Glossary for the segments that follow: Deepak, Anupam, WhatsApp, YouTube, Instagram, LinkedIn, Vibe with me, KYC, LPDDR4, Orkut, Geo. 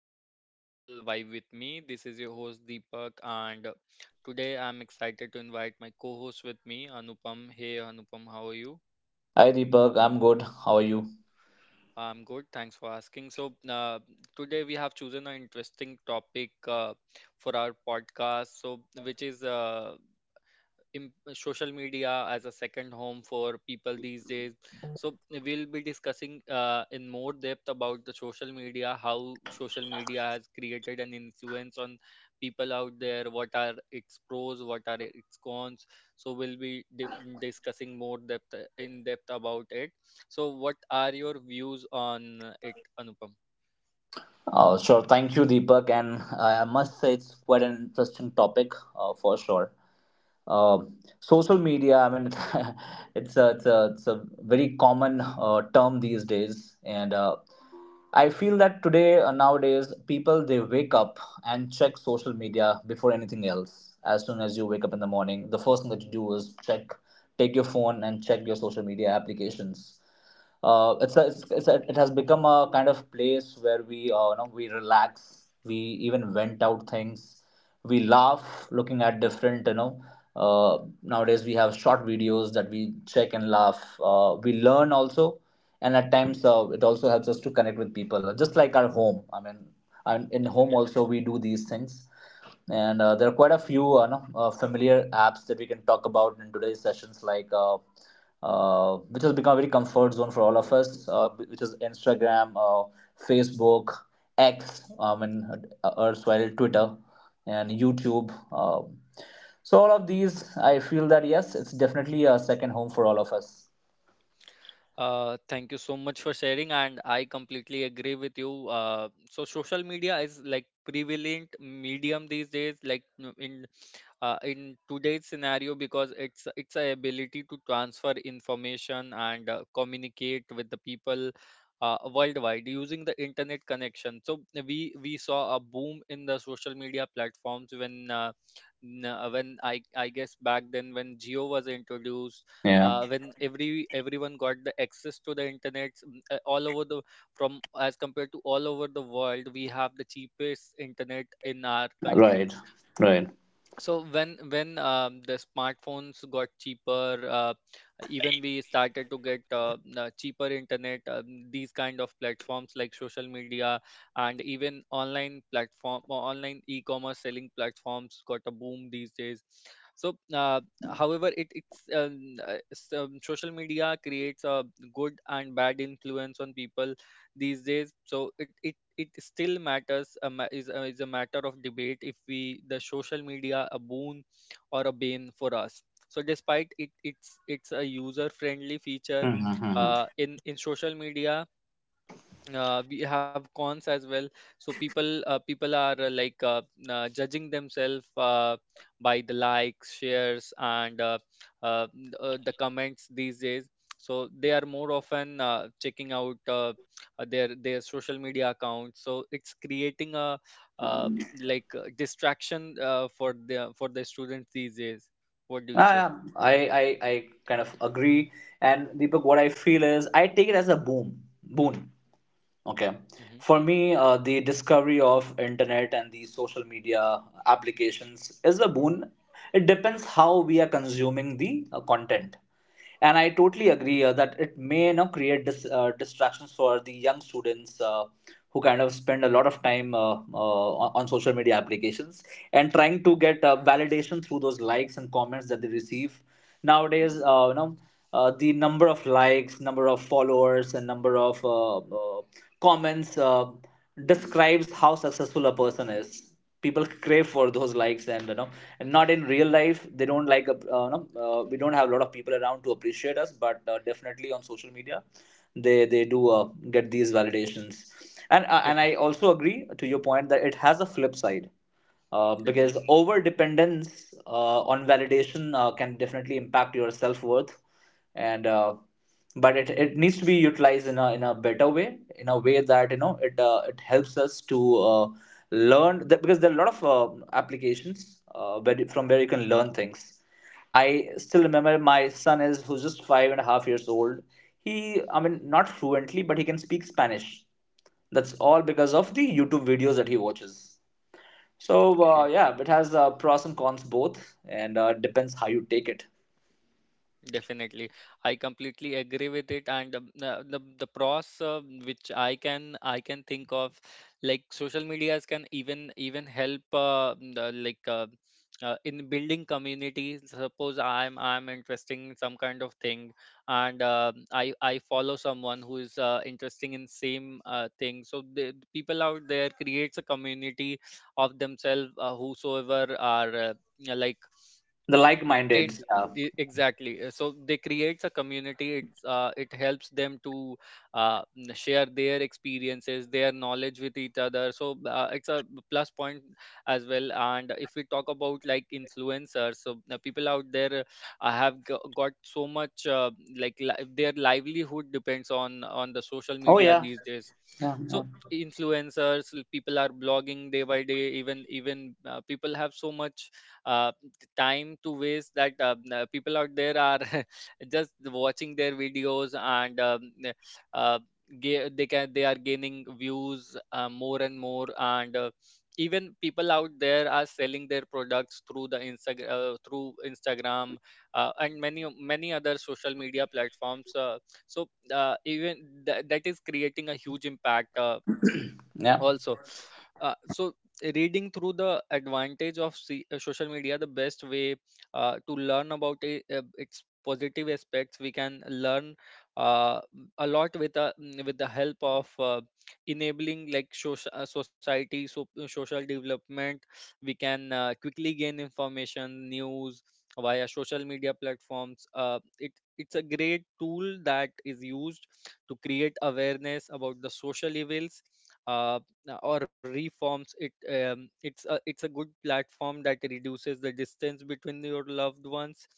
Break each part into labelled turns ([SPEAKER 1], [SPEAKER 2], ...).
[SPEAKER 1] our channel Vibe with me. This is your host Deepak and today I'm excited to invite my co-host with me Anupam. Hey Anupam, how are you?
[SPEAKER 2] Hi Deepak, I'm good. How are you?
[SPEAKER 1] I'm good. Thanks for asking. Today we have chosen an interesting topic for our podcast. So which is social media as a second home for people these days, so we'll be discussing in more depth about the social media, how social media has created an influence on people out there, what are its pros, what are its cons. So we'll be discussing more depth, in depth about it. So what are your views on it, Anupam?
[SPEAKER 2] Sure, thank you, Deepak. And I must say, it's quite an interesting topic for sure. Uh, Social media, I mean, it's a very common term these days. And I feel that today, nowadays, people they wake up and check social media before anything else. As soon as you wake up in the morning, the first thing that you do is check, take your phone and check your social media applications. Uh, it's, a, it's, it's a, it has become a kind of place where we we relax, we even vent out things, we laugh looking at different, nowadays we have short videos that we check and laugh. We learn also, and at times it also helps us to connect with people just like our home, I mean, and in home
[SPEAKER 1] Definitely.
[SPEAKER 2] also we do these things. And there are quite a few no, familiar apps that we can talk about in today's sessions, like, which has become a very comfort zone for all of us, which is Instagram, Facebook, X, and erstwhile Twitter, and YouTube. So all of these, I feel that yes, it's definitely a second home for all of us.
[SPEAKER 1] Thank you so much for sharing, and I completely agree with you. So social media is like prevalent medium these days, like in today's scenario, because it's a ability to transfer information and communicate with the people worldwide using the internet connection. So we saw a boom in the social media platforms when when I guess back then when Geo was introduced,
[SPEAKER 2] Yeah.
[SPEAKER 1] when everyone got the access to the internet, all over the, from as compared to all over the world, we have the cheapest internet in our country.
[SPEAKER 2] Right. Right.
[SPEAKER 1] So when the smartphones got cheaper, even we started to get cheaper internet. These kind of platforms like social media and even online platform or online e-commerce selling platforms got a boom these days. so uh, However, social media creates a good and bad influence on people these days. So it still matters, a ma- is a matter of debate if we the social media a boon or a bane for us. So despite it, it's a user friendly feature
[SPEAKER 2] Mhm, mhm.
[SPEAKER 1] in social media, we have cons as well. So people are judging themselves by the likes, shares and the comments these days. So they are more often checking out their social media accounts, so it's creating a uh, distraction for the students these days. What do you
[SPEAKER 2] Ah,
[SPEAKER 1] say?
[SPEAKER 2] yeah, I kind of agree. And Deepak, what I feel is I take it as a boom boon. Okay,
[SPEAKER 1] Mm-hmm.
[SPEAKER 2] for me, the discovery of internet and the social media applications is a boon. It depends how we are consuming the content. And I totally agree that it may, you know, create distractions for the young students. Who kind of spend a lot of time on social media applications, and trying to get validation through those likes and comments that they receive nowadays. You know, the number of likes, number of followers, and number of comments describes how successful a person is. People crave for those likes, and you know, and not in real life. They don't like a, you know, we don't have a lot of people around to appreciate us, but definitely on social media, they do get these validations. And
[SPEAKER 1] Def-
[SPEAKER 2] I also agree to your point that it has a flip side, because
[SPEAKER 1] Definitely.
[SPEAKER 2] over dependence on validation can definitely impact your self worth. And But it needs to be utilized in a better way, in a way that you know it it helps us to uh, learn that, because there are a lot of applications from where you can learn things. I still remember my son is who's just five and a half years old. He, I mean, not fluently, but he can speak Spanish. That's all because of the YouTube videos that he watches.
[SPEAKER 1] Okay.
[SPEAKER 2] So yeah, it has pros and cons both, and depends how you take it.
[SPEAKER 1] Definitely. I completely agree with it. And The, the, pros which I can think of, like social medias can even help the, like in building community. Suppose I'm interesting in some kind of thing, and I follow someone who is interesting in same thing. So the people out there creates a community of themselves, whosoever are. Like,
[SPEAKER 2] The like-minded,
[SPEAKER 1] attain
[SPEAKER 2] yeah.
[SPEAKER 1] the-, exactly. So they creates a community, it's it helps them to share their experiences, their knowledge with each other. So it's a plus point as well. And if we talk about like influencers, so people out there got so much their livelihood depends on the social
[SPEAKER 2] Oh
[SPEAKER 1] media
[SPEAKER 2] yeah,
[SPEAKER 1] these days.
[SPEAKER 2] yeah, yeah.
[SPEAKER 1] So influencers, people are blogging day by day. Even even People have so much uh, time to waste that people out there are just watching their videos and they can, they are gaining views more and more. And even people out there are selling their products through the through Instagram and many many other social media platforms. So Even that is creating a huge impact.
[SPEAKER 2] Yeah.
[SPEAKER 1] Also so Reading through the advantage of social media, the best way to learn about it, its positive aspects, we can learn uh, a lot with with the help of enabling like social, society. So social development, we can quickly gain information, news via social media platforms. It it's a great tool that is used to create awareness about the social evils, uh, or reforms. It's a, it's a good platform that reduces the distance between your loved ones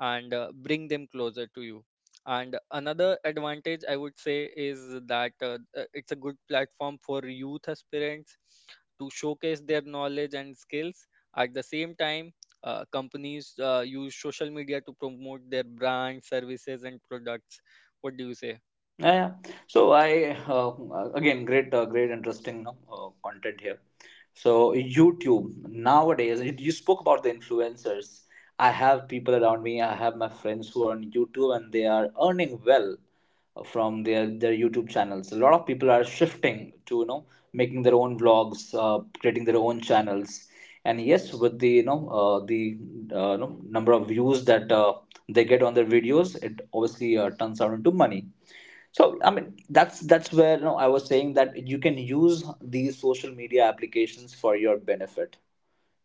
[SPEAKER 1] and bring them closer to you. And another advantage I would say is that it's a good platform for youth aspirants to showcase their knowledge and skills. At the same time, companies use social media to promote their brand, services and products. What do you say?
[SPEAKER 2] Yeah, yeah. So I, again great, great, interesting, no, content here. So YouTube nowadays, you spoke about the influencers. I have people around me. I have my friends who are on YouTube and they are earning well from their YouTube channels. A lot of people are shifting to, you know, making their own vlogs, creating their own channels. And yes, with the, you know, the you know, number of views that they get on their videos, it obviously turns out into money. So I mean, that's where, you know, I was saying that you can use these social media applications for your benefit.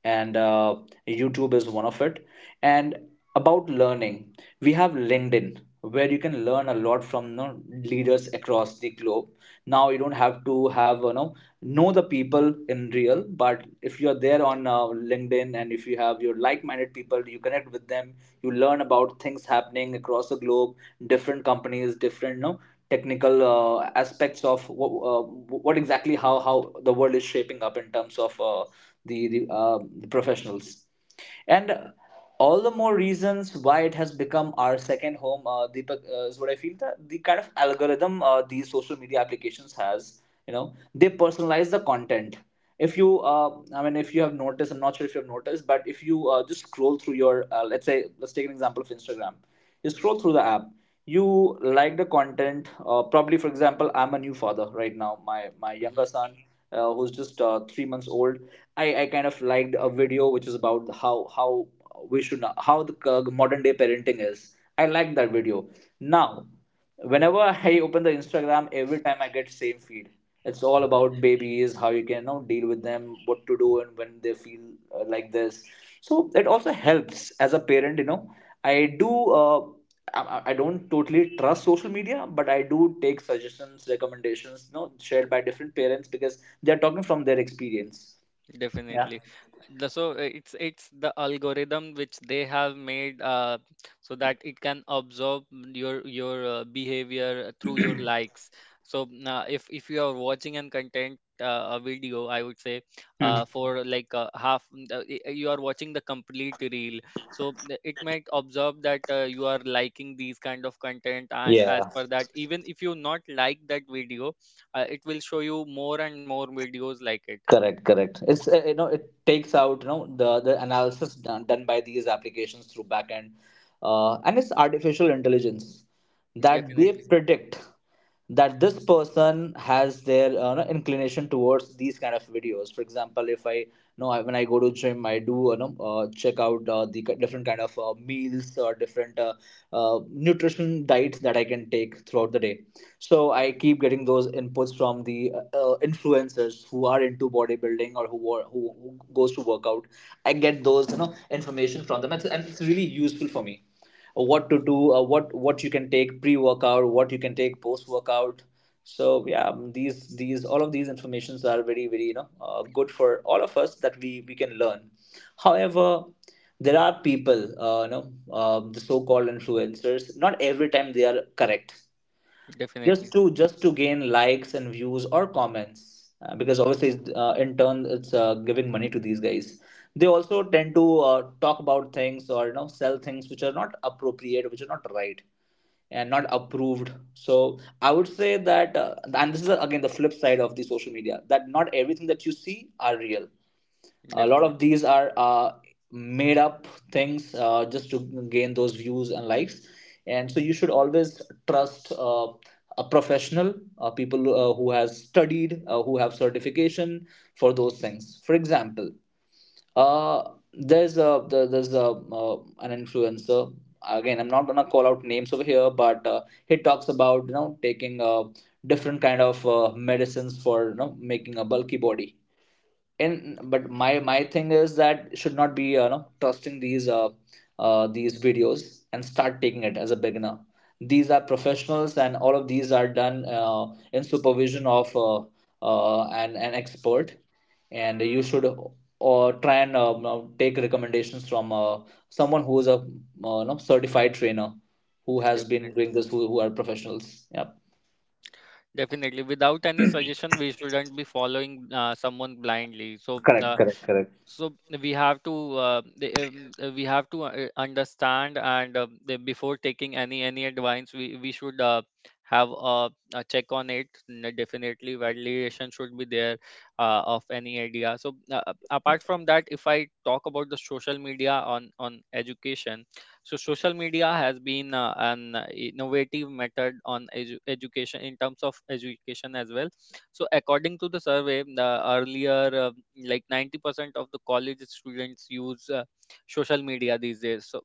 [SPEAKER 2] And YouTube is one of it. And about learning, we have LinkedIn, where you can learn a lot from, you know, leaders across the globe. Now you don't have to have, you know the people in real, but if you're there on LinkedIn, and if you have your like-minded people, you connect with them, you learn about things happening across the globe, different companies, different, you know, technical aspects of what exactly, how the world is shaping up in terms of the professionals. And all the more reasons why it has become our second home, Deepak, is what I feel, that the kind of algorithm these social media applications has, you know, they personalize the content. If you, if you have noticed, I'm not sure if you have noticed, but if you just scroll through your, let's take an example of Instagram. You scroll through the app, you like the content. Probably, for example, I'm a new father right now. My
[SPEAKER 1] Mm-hmm.
[SPEAKER 2] younger son, who's just 3 months old, I kind of liked a video which is about how we should, how the modern day parenting is. I liked that video. Now, whenever I open the Instagram, every time I get same feed. It's all about babies, how you can now deal with them, what to do, and when they feel like this. So it also helps as a parent. You know, I do. I don't totally trust social media, but I do take suggestions, recommendations, you know, shared by different parents because they are talking from their experience. Yeah.
[SPEAKER 1] Definitely. So it's the algorithm which they have made, so that it can absorb your behavior through your likes. So if you are watching and content a video, I would say,
[SPEAKER 2] Mhm.
[SPEAKER 1] for like half, you are watching the complete reel. So it might absorb that you are liking these kind of content, and as
[SPEAKER 2] Yeah,
[SPEAKER 1] per that, even if you not like that video, it will show you more and more videos like it.
[SPEAKER 2] correct, correct. It's you know, it takes out, you know, the analysis done, done by these applications through backend, and it's artificial intelligence that they
[SPEAKER 1] Definitely.
[SPEAKER 2] predict. That this person has their no, inclination towards these kind of videos. For example, if I, when I go to gym, I do no, check out the different kind of meals, or different nutrition diets that I can take throughout the day. So I keep getting those inputs from the influencers who are into bodybuilding, or who, are, who goes to workout. I get those, you know, information from them, and it's really useful for me, what to do, what you can take pre workout, what you can take post workout. So yeah, these all of these informations are very very, you know, good for all of us, that we can learn. However, there are people, the so called influencers, not every time they are correct,
[SPEAKER 1] Definitely,
[SPEAKER 2] just to gain likes and views or comments, because obviously in turn it's giving money to these guys. They also tend to talk about things, or you know, sell things which are not appropriate, which are not right and not approved. So I would say that, and this is again the flip side of the social media, that not everything that you see are real. A lot
[SPEAKER 1] definitely,
[SPEAKER 2] of these are made up things, just to gain those views and likes. And so you should always trust a professional people who has studied, who have certification for those things. For example, there's a, uh, an influencer, again I'm not gonna call out names over here, but he talks about, you know, taking different kind of medicines for, you know, making a bulky body in. But my thing is that should not be, you know, trusting these videos and start taking it as a beginner. These are professionals, and all of these are done in supervision of an expert. And you should, or try and you know, take recommendations from someone who is a, you know, certified trainer, who has been
[SPEAKER 1] definitely,
[SPEAKER 2] doing this, who are professionals. Yep.
[SPEAKER 1] Definitely. Without any suggestion, we shouldn't be following someone blindly. So,
[SPEAKER 2] Correct,
[SPEAKER 1] uh,
[SPEAKER 2] correct, correct.
[SPEAKER 1] so we have to we have to understand and before taking any advice, we should have a check on it. Definitely validation should be there of any idea. So apart from that, if I talk about the social media on education, so social media has been an innovative method on education, in terms of education as well. So according to the survey, earlier like 90% of the college students use social media these days. So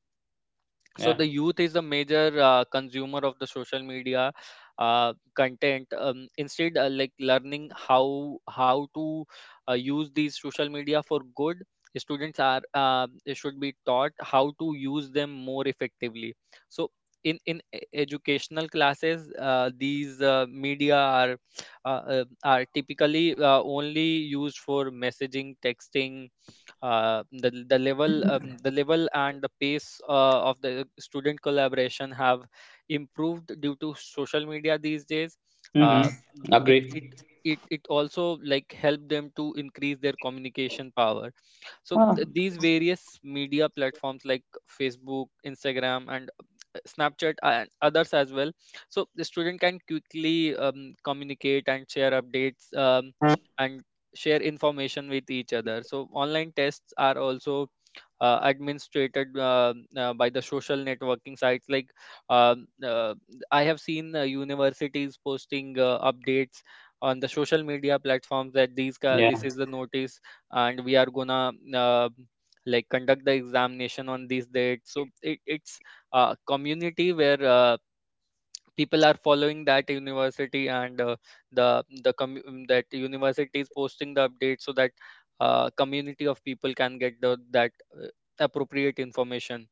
[SPEAKER 1] so
[SPEAKER 2] Yeah.
[SPEAKER 1] the youth is a major consumer of the social media content. Instead like learning how to use these social media for good, students are they should be taught how to use them more effectively. So in educational classes, these media are typically only used for messaging, texting. The level and the pace of the student collaboration have improved due to social media these days.
[SPEAKER 2] Mm-hmm.
[SPEAKER 1] Uh, it
[SPEAKER 2] Agree.
[SPEAKER 1] it it it also like help them to increase their communication power. So
[SPEAKER 2] Ah.
[SPEAKER 1] these various media platforms like Facebook, Instagram and Snapchat and others as well. So the student can quickly communicate and share updates and share information with each other. So online tests are also administrated by the social networking sites like um, uh, I have seen universities posting updates on the social media platforms that
[SPEAKER 2] Yeah.
[SPEAKER 1] this is the notice and we are gonna like conduct the examination on these dates. So it's community where people are following that university, and the commu that university is posting the update, so that community of people can get the that uh, appropriate information.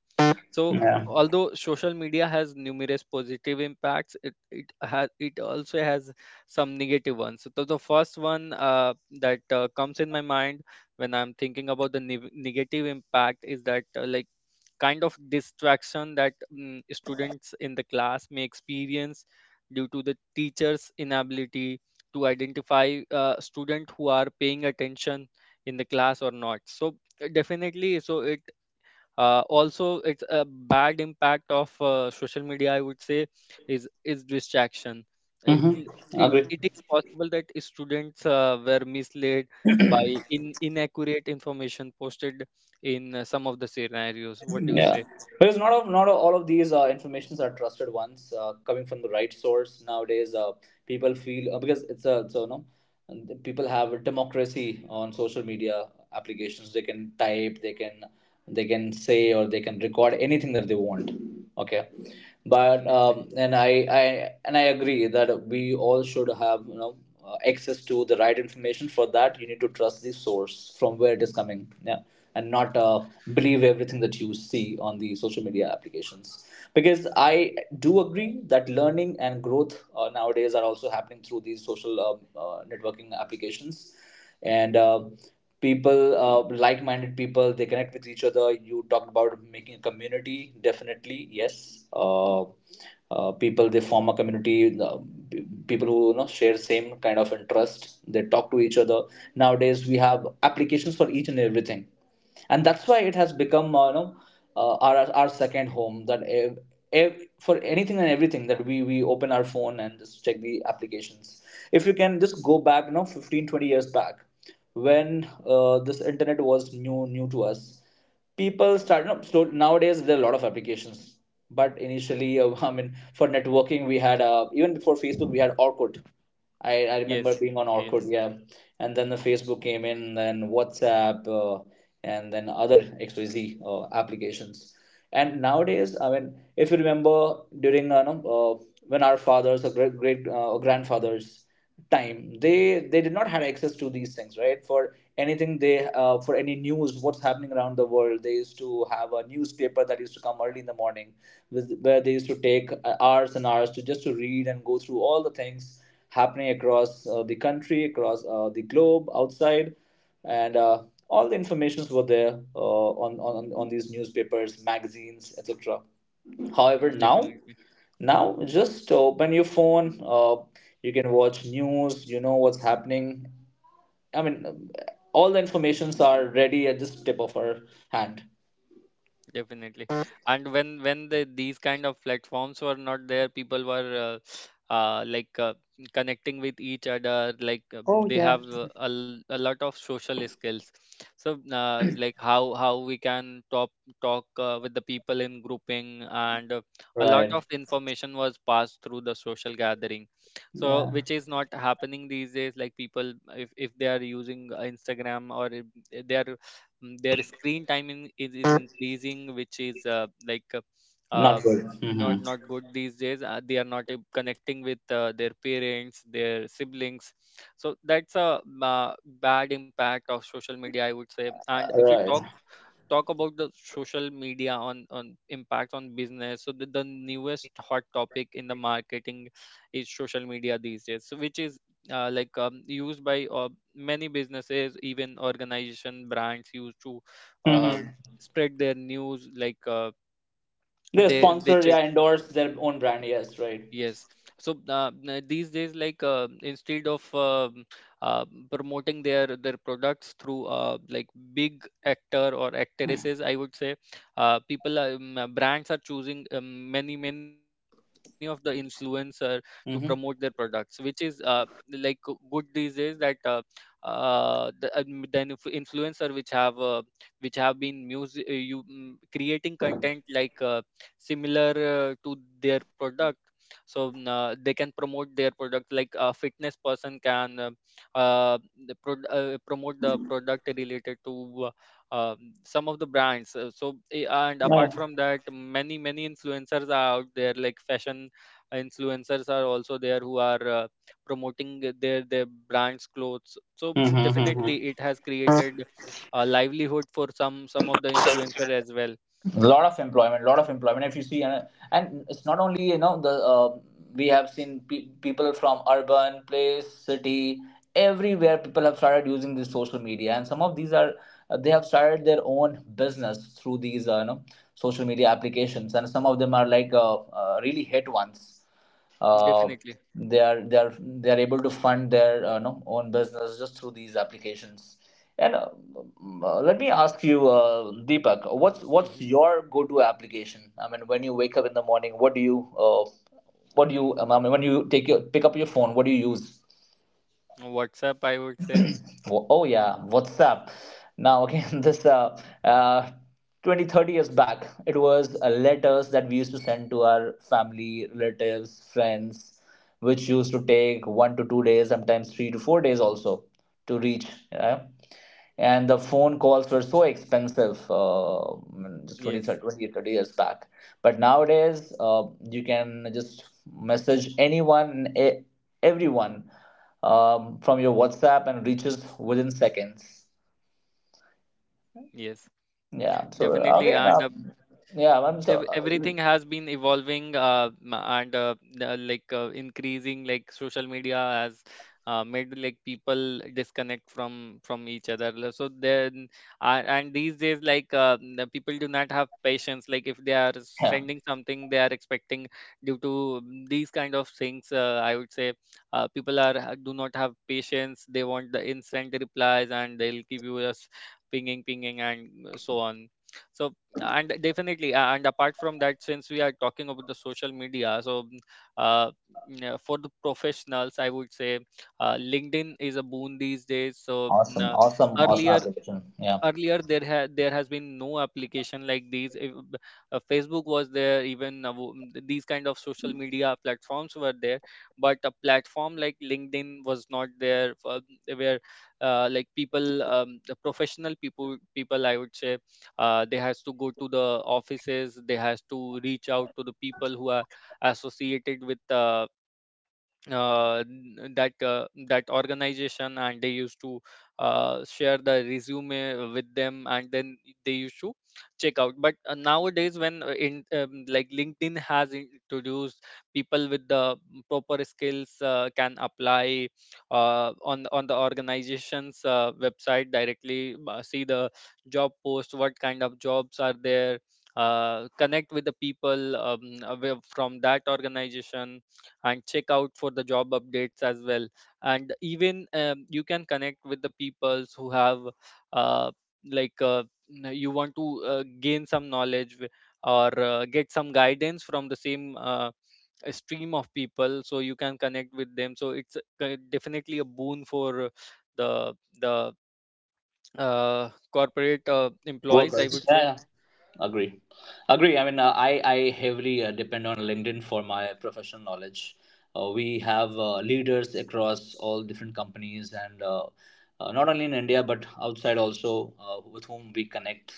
[SPEAKER 1] So
[SPEAKER 2] Yeah.
[SPEAKER 1] although social media has numerous positive impacts, it also has some negative ones. So the first one that comes in my mind when I'm thinking about the negative impact is that like kind of distraction that students in the class may experience due to the teacher's inability to identify student who are paying attention in the class or not. So definitely so it also it's a bad impact of social media I would say, is distraction. Uh, it,
[SPEAKER 2] Mm-hmm. Agree.
[SPEAKER 1] it is possible that students were misled by inaccurate information posted in some of the scenarios. What do you
[SPEAKER 2] Yeah,
[SPEAKER 1] say?
[SPEAKER 2] because not of not all of these informations are trusted ones coming from the right source nowadays. People feel because it's a so no, and the people have a democracy on social media applications. They can type, they can say, or they can record anything that they want. Okay, but
[SPEAKER 1] Definitely.
[SPEAKER 2] and I and I agree that we all should have, you know, access to the right information. For that, you need to trust the source from where it is coming. Yeah, and not believe everything that you see on the social media applications because I do agree that learning and growth nowadays are also happening through these social networking applications and people like-minded people, they connect with each other. You talked about making a community, definitely, yes, people, they form a community. The people who, you know, share same kind of interest, they talk to each other. Nowadays we have applications for each and everything, and that's why it has become, you know, our second home, that for anything and everything that we open our phone and just check the applications. If you can just go back, you know, 15, 20 years back, when this internet was new to us, people started, no, slow, nowadays there are a lot of applications. But initially, I mean, for networking we had, even before Facebook we had Orkut. I remember
[SPEAKER 1] Yes.
[SPEAKER 2] being on
[SPEAKER 1] Yes.
[SPEAKER 2] Orkut, yeah. And then the Facebook came in, then WhatsApp, and then other XYZ applications. And nowadays, I mean, if you remember during no, when our fathers or great or grandfathers' time,
[SPEAKER 1] Hmm.
[SPEAKER 2] they did not have access to these things, right? For anything they for any news, what's happening around the world, they used to have a newspaper that used to come early in the morning, with, where they used to take hours and hours to just to read and go through all the things happening across the country, across the globe, outside, and all the informations were there on these newspapers, magazines, etc. However,
[SPEAKER 1] Definitely.
[SPEAKER 2] now just open your phone. You can watch news. You know what's happening. I mean, all the informations are ready at just tip of our hand.
[SPEAKER 1] Definitely. And when the, these kind of platforms were not there, people were uh, uh, like uh, connecting with each other. Like
[SPEAKER 2] Oh
[SPEAKER 1] they
[SPEAKER 2] yeah.
[SPEAKER 1] have a lot of social skills. So like how we can talk with the people in grouping, and a lot
[SPEAKER 2] Right.
[SPEAKER 1] of information was passed through the social gathering. So
[SPEAKER 2] Yeah.
[SPEAKER 1] which is not happening these days. Like people, if they are using Instagram, or if they are, their screen time is increasing, which is
[SPEAKER 2] Not
[SPEAKER 1] uh,
[SPEAKER 2] good. Mm-hmm.
[SPEAKER 1] not good these days. They are not connecting with their parents, their siblings. So that's a bad impact of social media, I would say. And if you
[SPEAKER 2] Right.
[SPEAKER 1] talk about the social media on impact on business, so the newest hot topic in the marketing is social media these days. So which is used by many businesses, even organization, brands used to
[SPEAKER 2] Mm-hmm.
[SPEAKER 1] um, spread their news, like
[SPEAKER 2] They
[SPEAKER 1] they
[SPEAKER 2] sponsor.
[SPEAKER 1] check.
[SPEAKER 2] Yeah, endorse their own brand. Yes. Right.
[SPEAKER 1] Yes. So these days, like instead of uh, promoting their products through like big actor or actresses, I would say, people are, brands are choosing many of the influencer to promote their products,
[SPEAKER 2] Hmm.
[SPEAKER 1] which is like good these days, that the influencer which have been creating content like similar to their product. So they can promote their product, like a fitness person can uh, promote the product related to some of the brands. And apart
[SPEAKER 2] Yeah.
[SPEAKER 1] from that, many influencers are out there, like fashion influencers are also there, who are promoting their brands clothes. So definitely it has created a livelihood for some of the
[SPEAKER 2] Mm-hmm.
[SPEAKER 1] influencer as well.
[SPEAKER 2] Lot of employment, lot of employment if you see, and it's not only, you know, the we have seen people from urban place, city, everywhere, people have started using this social media, and some of these are, they have started their own business through these, you know, social media applications, and some of them are like, really hit ones. uh,
[SPEAKER 1] Definitely.
[SPEAKER 2] they are, they are able to fund their no, own business just through these applications. And let me ask you, Deepak, what's
[SPEAKER 1] Hmm.
[SPEAKER 2] your go to application? I mean, when you wake up in the morning, what do you I mean, when you take your pick up your phone, what do you use?
[SPEAKER 1] WhatsApp, I would say.
[SPEAKER 2] Oh yeah, WhatsApp. Now again, this uh, 20, 30 years back, it was letters that we used to send to our family, relatives, friends, which used to take 1 to 2 days, sometimes 3 to 4 days also to reach. Yeah? And the phone calls were so expensive, just 20, 30,
[SPEAKER 1] Yes.
[SPEAKER 2] thirty years back. But nowadays, you can just message anyone, everyone, from your WhatsApp, and reaches within seconds.
[SPEAKER 1] Yes.
[SPEAKER 2] Yeah.
[SPEAKER 1] Definitely,
[SPEAKER 2] So
[SPEAKER 1] and
[SPEAKER 2] again, yeah, I'm so
[SPEAKER 1] everything has been evolving, like increasing, like social media has made like people disconnect from each other. So then and these days, like the people do not have patience, like if they are
[SPEAKER 2] yeah,
[SPEAKER 1] sending something, they are expecting, due to these kind of things, I would say, people are do not have patience, they want the instant replies, and they'll keep you just pinging and so on. So, and definitely, and apart from that, since we are talking about the social media, so uh, you know, for the professionals, I would say, LinkedIn is a boon these days. So
[SPEAKER 2] awesome, awesome, awesome
[SPEAKER 1] earlier,
[SPEAKER 2] application. Yeah.
[SPEAKER 1] there had there has been no application like these. If Facebook was there, even these kind of social media platforms were there, but a platform like LinkedIn was not there, for where like people, the professional people, I would say, they has to go to the offices, they has to reach out to the people who are associated with that that organization, and they used to share the resume with them, and then they used to check out. But nowadays, when in like LinkedIn has introduced, people with the proper skills can apply on the organization's website directly, see the job post, what kind of jobs are there, connect with the people, away from that organization, and check out for the job updates as well. And even, you can connect with the peoples who have uh, like uh, you want to gain some knowledge, wi- or get some guidance from the same a stream of people, so you can connect with them. So it's definitely a boon for the the corporate employees, I
[SPEAKER 2] Workers.
[SPEAKER 1] would
[SPEAKER 2] Yeah,
[SPEAKER 1] say.
[SPEAKER 2] yeah, agree, agree. I mean, I heavily depend on LinkedIn for my professional knowledge. We have leaders across all different companies and not only in India but outside also, with whom we connect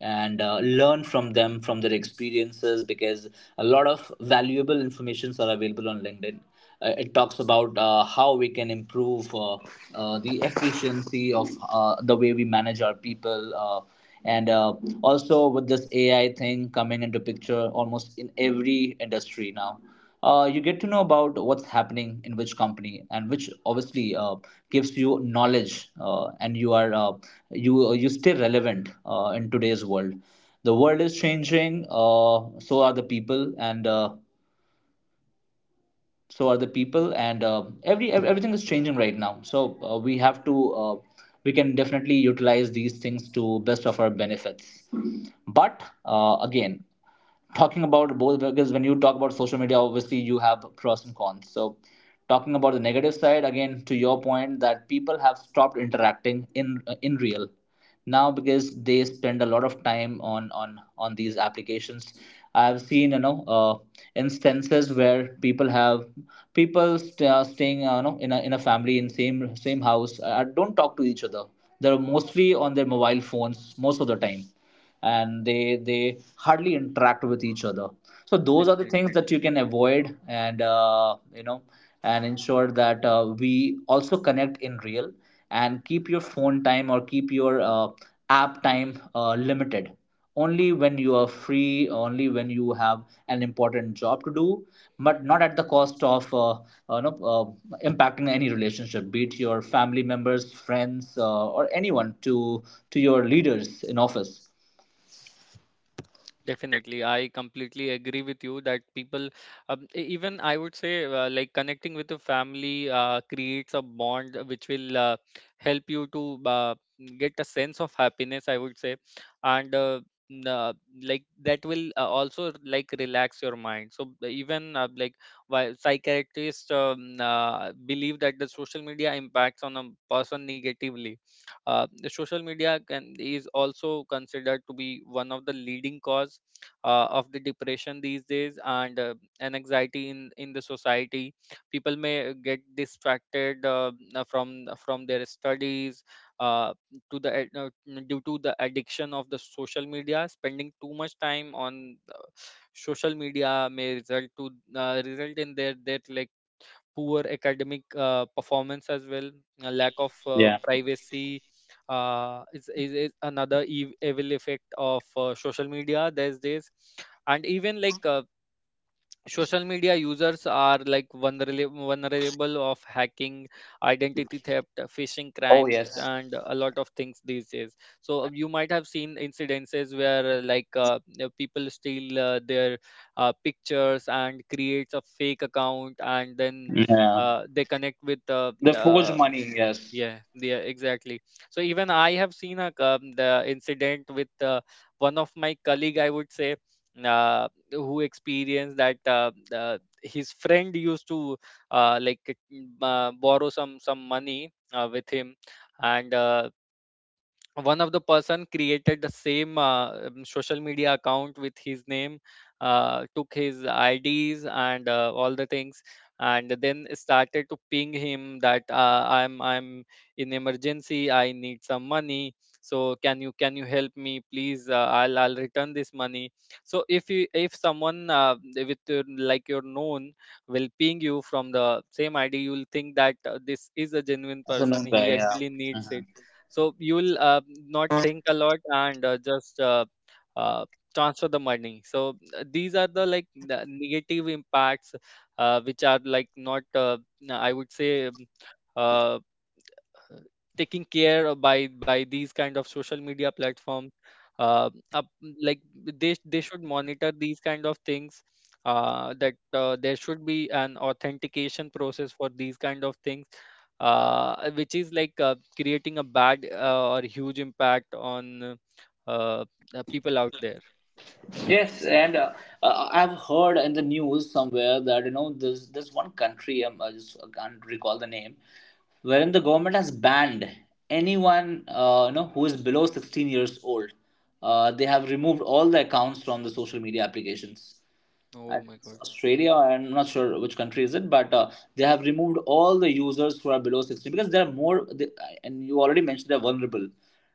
[SPEAKER 2] and learn from them from their experiences, because a lot of valuable informations are available on LinkedIn. It talks about how we can improve the efficiency of the way we manage our people. And also, with this AI thing coming into picture almost in every industry now, you get to know about what's happening in which company, and which obviously gives you knowledge, and you are you stay relevant in today's world. The world is changing, so are the people, and every everything is changing right now, so we have to we can definitely utilize these things to best of our benefits. But again, talking about both, because when you talk about social media, obviously you have pros and cons, so talking about the negative side, again, to your point, that people have stopped interacting in real now, because they spend a lot of time on on these applications. I've seen, you know, instances where people have, staying, you know, in a family, in same house, don't talk to each other. They're mostly on their mobile phones most of the time, and they hardly interact with each other. So those are the things
[SPEAKER 1] Definitely.
[SPEAKER 2] that you can avoid, and you know, and ensure that we also connect in real, and keep your phone time, or keep your app time limited, only when you are free, only when you have an important job to do, but not at the cost of no, impacting any relationship, be it your family members, friends, or anyone, to your leaders in office.
[SPEAKER 1] Definitely, I completely agree with you that people, even I would say, like connecting with the family creates a bond, which will help you to get a sense of happiness, I would say, and n- uh, like that will also like relax your mind. So even like, why psychiatrists believe that the social media impacts on a person negatively, the social media can is also considered to be one of the leading cause of the depression these days, and an anxiety in the society. People may get distracted from their studies, uh, to the ad- uh, due to the addiction of the social media. Spending too much time on social media may result to result in their like poor academic performance as well. A lack of
[SPEAKER 2] Yeah.
[SPEAKER 1] privacy is another evil effect of social media these days. And even, like social media users are like vulnerable of hacking, identity theft, phishing
[SPEAKER 2] Oh
[SPEAKER 1] crimes,
[SPEAKER 2] yes.
[SPEAKER 1] and a lot of things these days. So you might have seen incidences where people steal their pictures and creates a fake account, and then
[SPEAKER 2] Yeah.
[SPEAKER 1] they connect with
[SPEAKER 2] The forged money. Yes.
[SPEAKER 1] yeah, yeah, exactly. So even I have seen a the incident with one of my colleague, I would say, who experienced that his friend used to uh, like borrow some money with him, and one of the person created the same social media account with his name, took his ids, and all the things, and then started to ping him that I'm in emergency, I need some money, so can you help me please, I'll return this money. So if you, if someone with your, like your known, will ping you from the same id, you'll think that this is a genuine
[SPEAKER 2] As a
[SPEAKER 1] person,
[SPEAKER 2] known guy.
[SPEAKER 1] he
[SPEAKER 2] Yeah.
[SPEAKER 1] actually needs
[SPEAKER 2] Uh-huh.
[SPEAKER 1] it. So you'll not think a lot, and just uh, transfer the money. So these are the like the negative impacts which are like not I would say, uh, uh, taking care of by these kind of social media platforms, uh, up, like they should monitor these kind of things, that there should be an authentication process for these kind of things, which is like creating a bad, or huge impact on uh, people out there.
[SPEAKER 2] Yes, and I've heard in the news somewhere that, you know, there's one country, I just can't recall the name, wherein the government has banned anyone, you know, who is below 16 years old. They have removed all the accounts from the social media applications. I
[SPEAKER 1] Oh
[SPEAKER 2] think
[SPEAKER 1] my
[SPEAKER 2] it's
[SPEAKER 1] god.
[SPEAKER 2] Australia, or I'm not sure which country is it, but they have removed all the users who are below 16, because they are more, they, and you already mentioned they're vulnerable,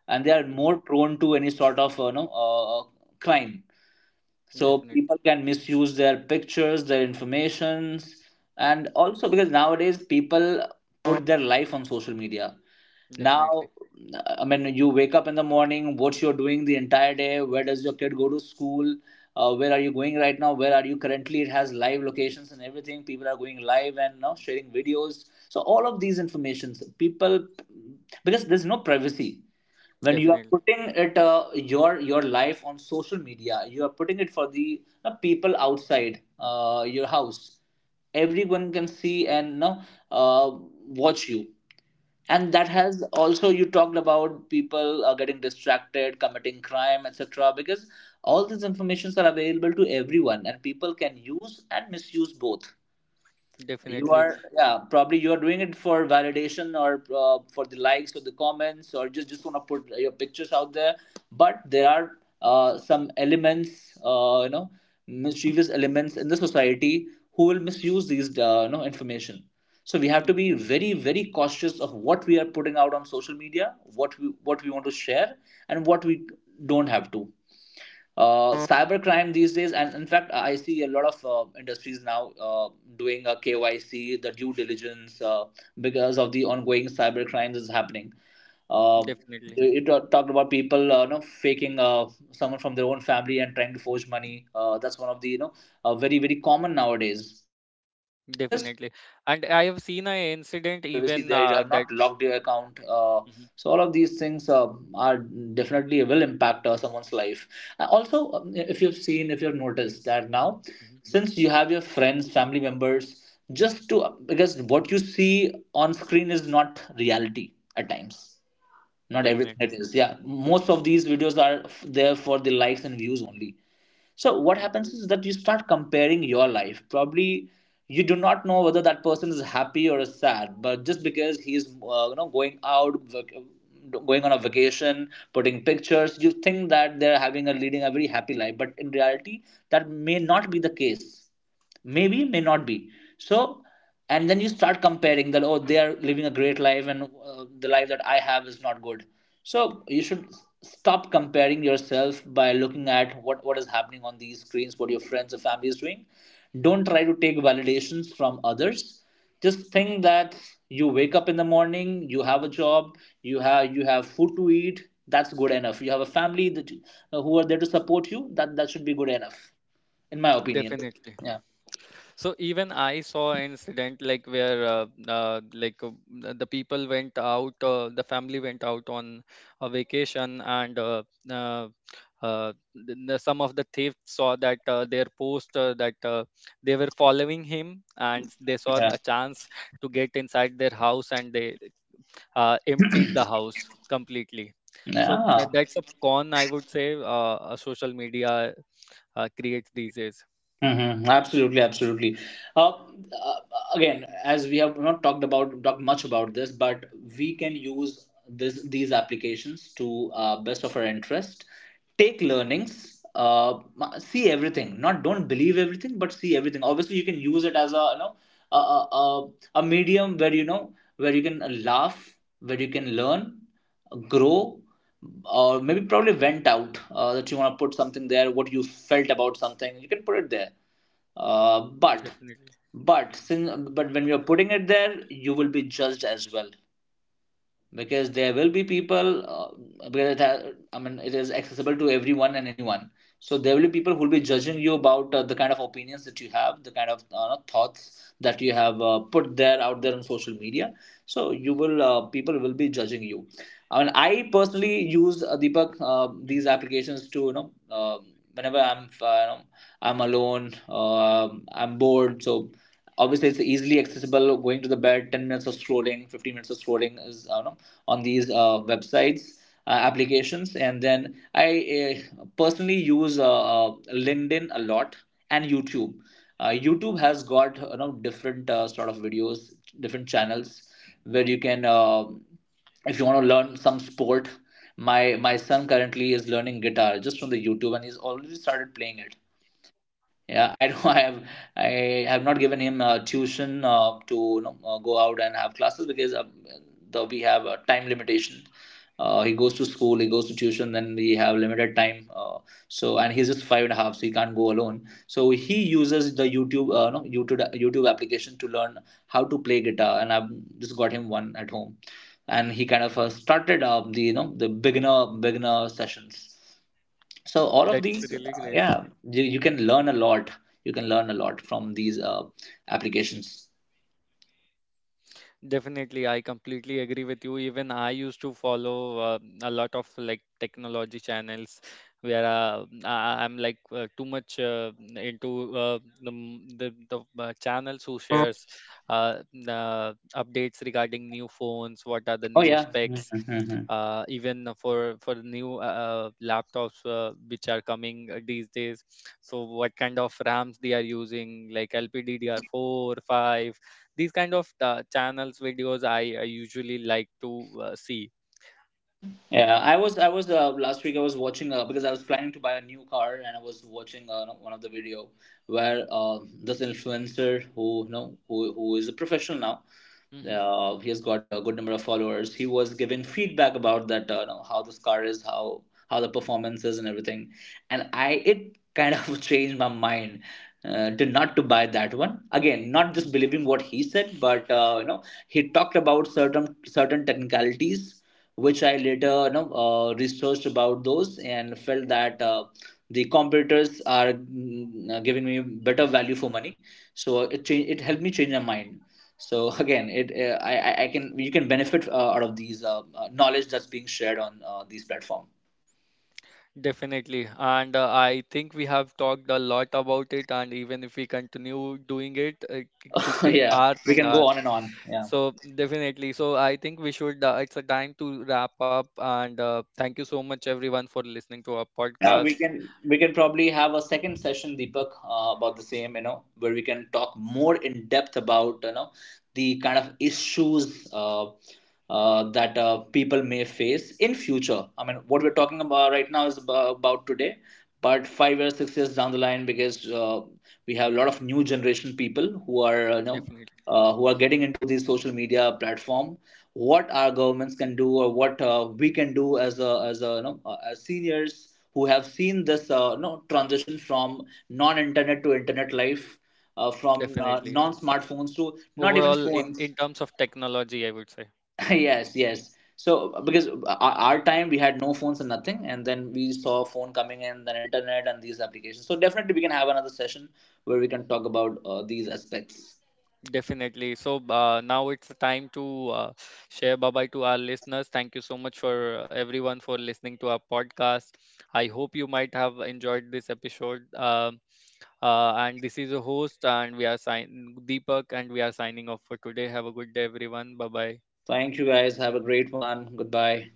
[SPEAKER 2] and they are
[SPEAKER 1] Mhm.
[SPEAKER 2] more prone to any sort of, you know, crime. So
[SPEAKER 1] Definitely.
[SPEAKER 2] people can misuse their pictures, their informations. And also, because nowadays people put their life on social media now.
[SPEAKER 1] Definitely.
[SPEAKER 2] I mean, you wake up in the morning, what you're doing the entire day, where does your kid go to school, where are you going right now, where are you currently. It has live locations and everything, people are going live and now sharing videos, so all of these informations people, because there's no privacy. When you are
[SPEAKER 1] Definitely.
[SPEAKER 2] putting it, your life on social media, you are putting it for the, people outside your house. Everyone can see, and, you know, uh, watch you, and that has also, you talked about people getting distracted, committing crime, etc., because all these informations are available to everyone, and people can use and misuse both. You
[SPEAKER 1] Definitely.
[SPEAKER 2] are, yeah, probably you are doing it for validation, or for the likes or the comments, or just want to put your pictures out there. But there are some elements, you know, mischievous elements in the society who will misuse these, you know, information. So we have to
[SPEAKER 1] Mm.
[SPEAKER 2] be very very cautious of what we are putting out on social media, what we want to share, and what we don't have to. Cybercrime these days, and in fact, I see a lot of industries now doing a KYC, the due diligence, because of the ongoing cybercrime that's happening. Uh,
[SPEAKER 1] Definitely.
[SPEAKER 2] you talked about people you know, faking someone from their own family and trying to forge money. That's one of the, you know, very very common nowadays. Yeah, because
[SPEAKER 1] Definitely.
[SPEAKER 2] you
[SPEAKER 1] And
[SPEAKER 2] have
[SPEAKER 1] I
[SPEAKER 2] these
[SPEAKER 1] have seen an
[SPEAKER 2] information, you don't
[SPEAKER 1] incident
[SPEAKER 2] have privacy
[SPEAKER 1] even
[SPEAKER 2] there, you have
[SPEAKER 1] that.
[SPEAKER 2] not locked your account.
[SPEAKER 1] Mhm.
[SPEAKER 2] So all of these things are definitely will impact someone's life. Also, if you've seen, if you've noticed that now,
[SPEAKER 1] Mhm.
[SPEAKER 2] since you have your friends, family members, just to, because what you see on screen is not reality at times, not everything
[SPEAKER 1] Definitely.
[SPEAKER 2] it is, yeah, most of these videos are there for the likes and views only. So what
[SPEAKER 1] Mm.
[SPEAKER 2] happens is that you start comparing your life. Probably you do not know whether that person is happy or is sad, but just because he is, you know, going out going on a vacation, putting pictures, you think that they're having a, leading a very happy life, but in reality, that may not be the case, maybe may not be. So, and then you start comparing that, oh, they are living a great life, and the life that I have is not good. So you should stop comparing yourself by looking at what is happening on these screens, what your friends or family is doing. Don't try to take validations from others. Just think that you wake up in the morning, you have a job, you have, you have food to eat. That's good enough. You have a family that who are there to support you. That, that should be good enough, in my opinion.
[SPEAKER 1] Definitely.
[SPEAKER 2] Yeah.
[SPEAKER 1] So even I saw an incident like, where the people went out, the family went out on a vacation, and uh, some of the thieves saw that their post, that they were following him, and they saw
[SPEAKER 2] Yeah.
[SPEAKER 1] a chance to get inside their house, and they emptied the house completely. So
[SPEAKER 2] Yeah.
[SPEAKER 1] that's a con, I would say, social media creates these days.
[SPEAKER 2] Mm-hmm. Absolutely, absolutely. Uh, uh, Again, as we have not talked much about this, but we can use this these applications to best of our interest. Take learnings, see everything. Not Don't believe everything, but see everything. Obviously, you can use it as a a, a medium where where you can laugh, where you can learn, grow, or maybe probably went out, that you want to put something there. What you felt about something, you can put it there, uh, but
[SPEAKER 1] Definitely.
[SPEAKER 2] but when you're putting it there, you will be judged as well, because there will be people, I mean, it is accessible to everyone and anyone. So there will be people who will be judging you about the kind of opinions that you have, the kind of thoughts that you have put there out there on social media. So you
[SPEAKER 1] Hmm.
[SPEAKER 2] will people will be judging you. I mean, I personally use, Deepak, these
[SPEAKER 1] Hmm.
[SPEAKER 2] applications to whenever I'm alone, I'm bored. So obviously, it's easily accessible. Going to the bed, 10 minutes of scrolling, 15 minutes of scrolling is on these websites, applications. And then I personally use uh, LinkedIn a lot, and YouTube. YouTube has got, different sort of videos, different channels where you can, if you want to learn some sport, my son currently is learning guitar just from the YouTube, and he's already started playing it. Yeah, I don't. I have not given him tuition to go out and have classes, because we have a time limitation. He goes to school, he goes to tuition, then we have limited time, so, and he's just five and a half, so he can't go alone. So he uses the YouTube, no, YouTube application to learn how to play guitar. And I've just got him one at home, and he kind of started the, the beginner sessions. So all of
[SPEAKER 1] That's
[SPEAKER 2] these,
[SPEAKER 1] really great.
[SPEAKER 2] yeah, you can learn a lot, you can learn a lot from these applications.
[SPEAKER 1] Definitely, I completely agree with you. Even I used to follow a lot of like technology channels, where I'm like too much into the m- the channels who shares the updates regarding new phones, what are the
[SPEAKER 2] Oh
[SPEAKER 1] new
[SPEAKER 2] yeah.
[SPEAKER 1] specs, even for new laptops which are coming these days. So what kind of RAMs they are using, like LPDDR4, 5, these kind of channels videos, I usually like to see.
[SPEAKER 2] Yeah, I was last week I was watching, because I was planning to buy a new car, and I was watching one of the video, where this influencer, who you know who is a professional
[SPEAKER 1] Mm-hmm.
[SPEAKER 2] now, he has got a good number of followers. He was given feedback about that, how this car is, how the performance is, and everything. And I it kind of changed my mind, to not to buy that one again, not just believing what he said, but he talked about certain technicalities, which I later, researched about those and felt that the competitors are, giving me better
[SPEAKER 1] Mm-hmm.
[SPEAKER 2] value for money. So it helped me change my mind. So again, it I can you can benefit out of these knowledge that's being shared on these platform.
[SPEAKER 1] Definitely, and I think we have talked a lot about it, and even if we continue doing it, it could take
[SPEAKER 2] Yeah,
[SPEAKER 1] hours
[SPEAKER 2] we
[SPEAKER 1] and
[SPEAKER 2] can
[SPEAKER 1] hours.
[SPEAKER 2] go on and on. Yeah.
[SPEAKER 1] So definitely, so I think we should, it's a time to wrap up, and thank you so much everyone for listening to our
[SPEAKER 2] Yeah, we
[SPEAKER 1] podcast.
[SPEAKER 2] can we can probably have a second session, Deepak, about the same. You know, where we can talk more in depth about, the kind of issues, that people may face in future. I mean, what we're talking about right now is about today, but 5 years, 6 years down the line, because we have a lot of new generation people who are you know
[SPEAKER 1] Definitely.
[SPEAKER 2] uh, who are getting into these social media platform. What our governments can do, or what we can do as a you know as seniors who have seen this, no, transition from non-internet to internet life, from
[SPEAKER 1] Definitely.
[SPEAKER 2] non-smartphones to not even
[SPEAKER 1] Overall, in
[SPEAKER 2] phones.
[SPEAKER 1] terms of technology, I would say.
[SPEAKER 2] Yes, yes. So because our time we had no phones and nothing, and then we saw phone coming in, then internet and these applications. So definitely we can have another session where we can talk about these aspects.
[SPEAKER 1] Definitely. So now it's the time to share bye bye to our listeners. Thank you so much for everyone for listening to our podcast. I hope you might have enjoyed this episode. And this is your host, and we are sign Deepak, and we are signing off for today. Have a good day, everyone. Bye bye.
[SPEAKER 2] Thank you guys. Have a great one. Goodbye.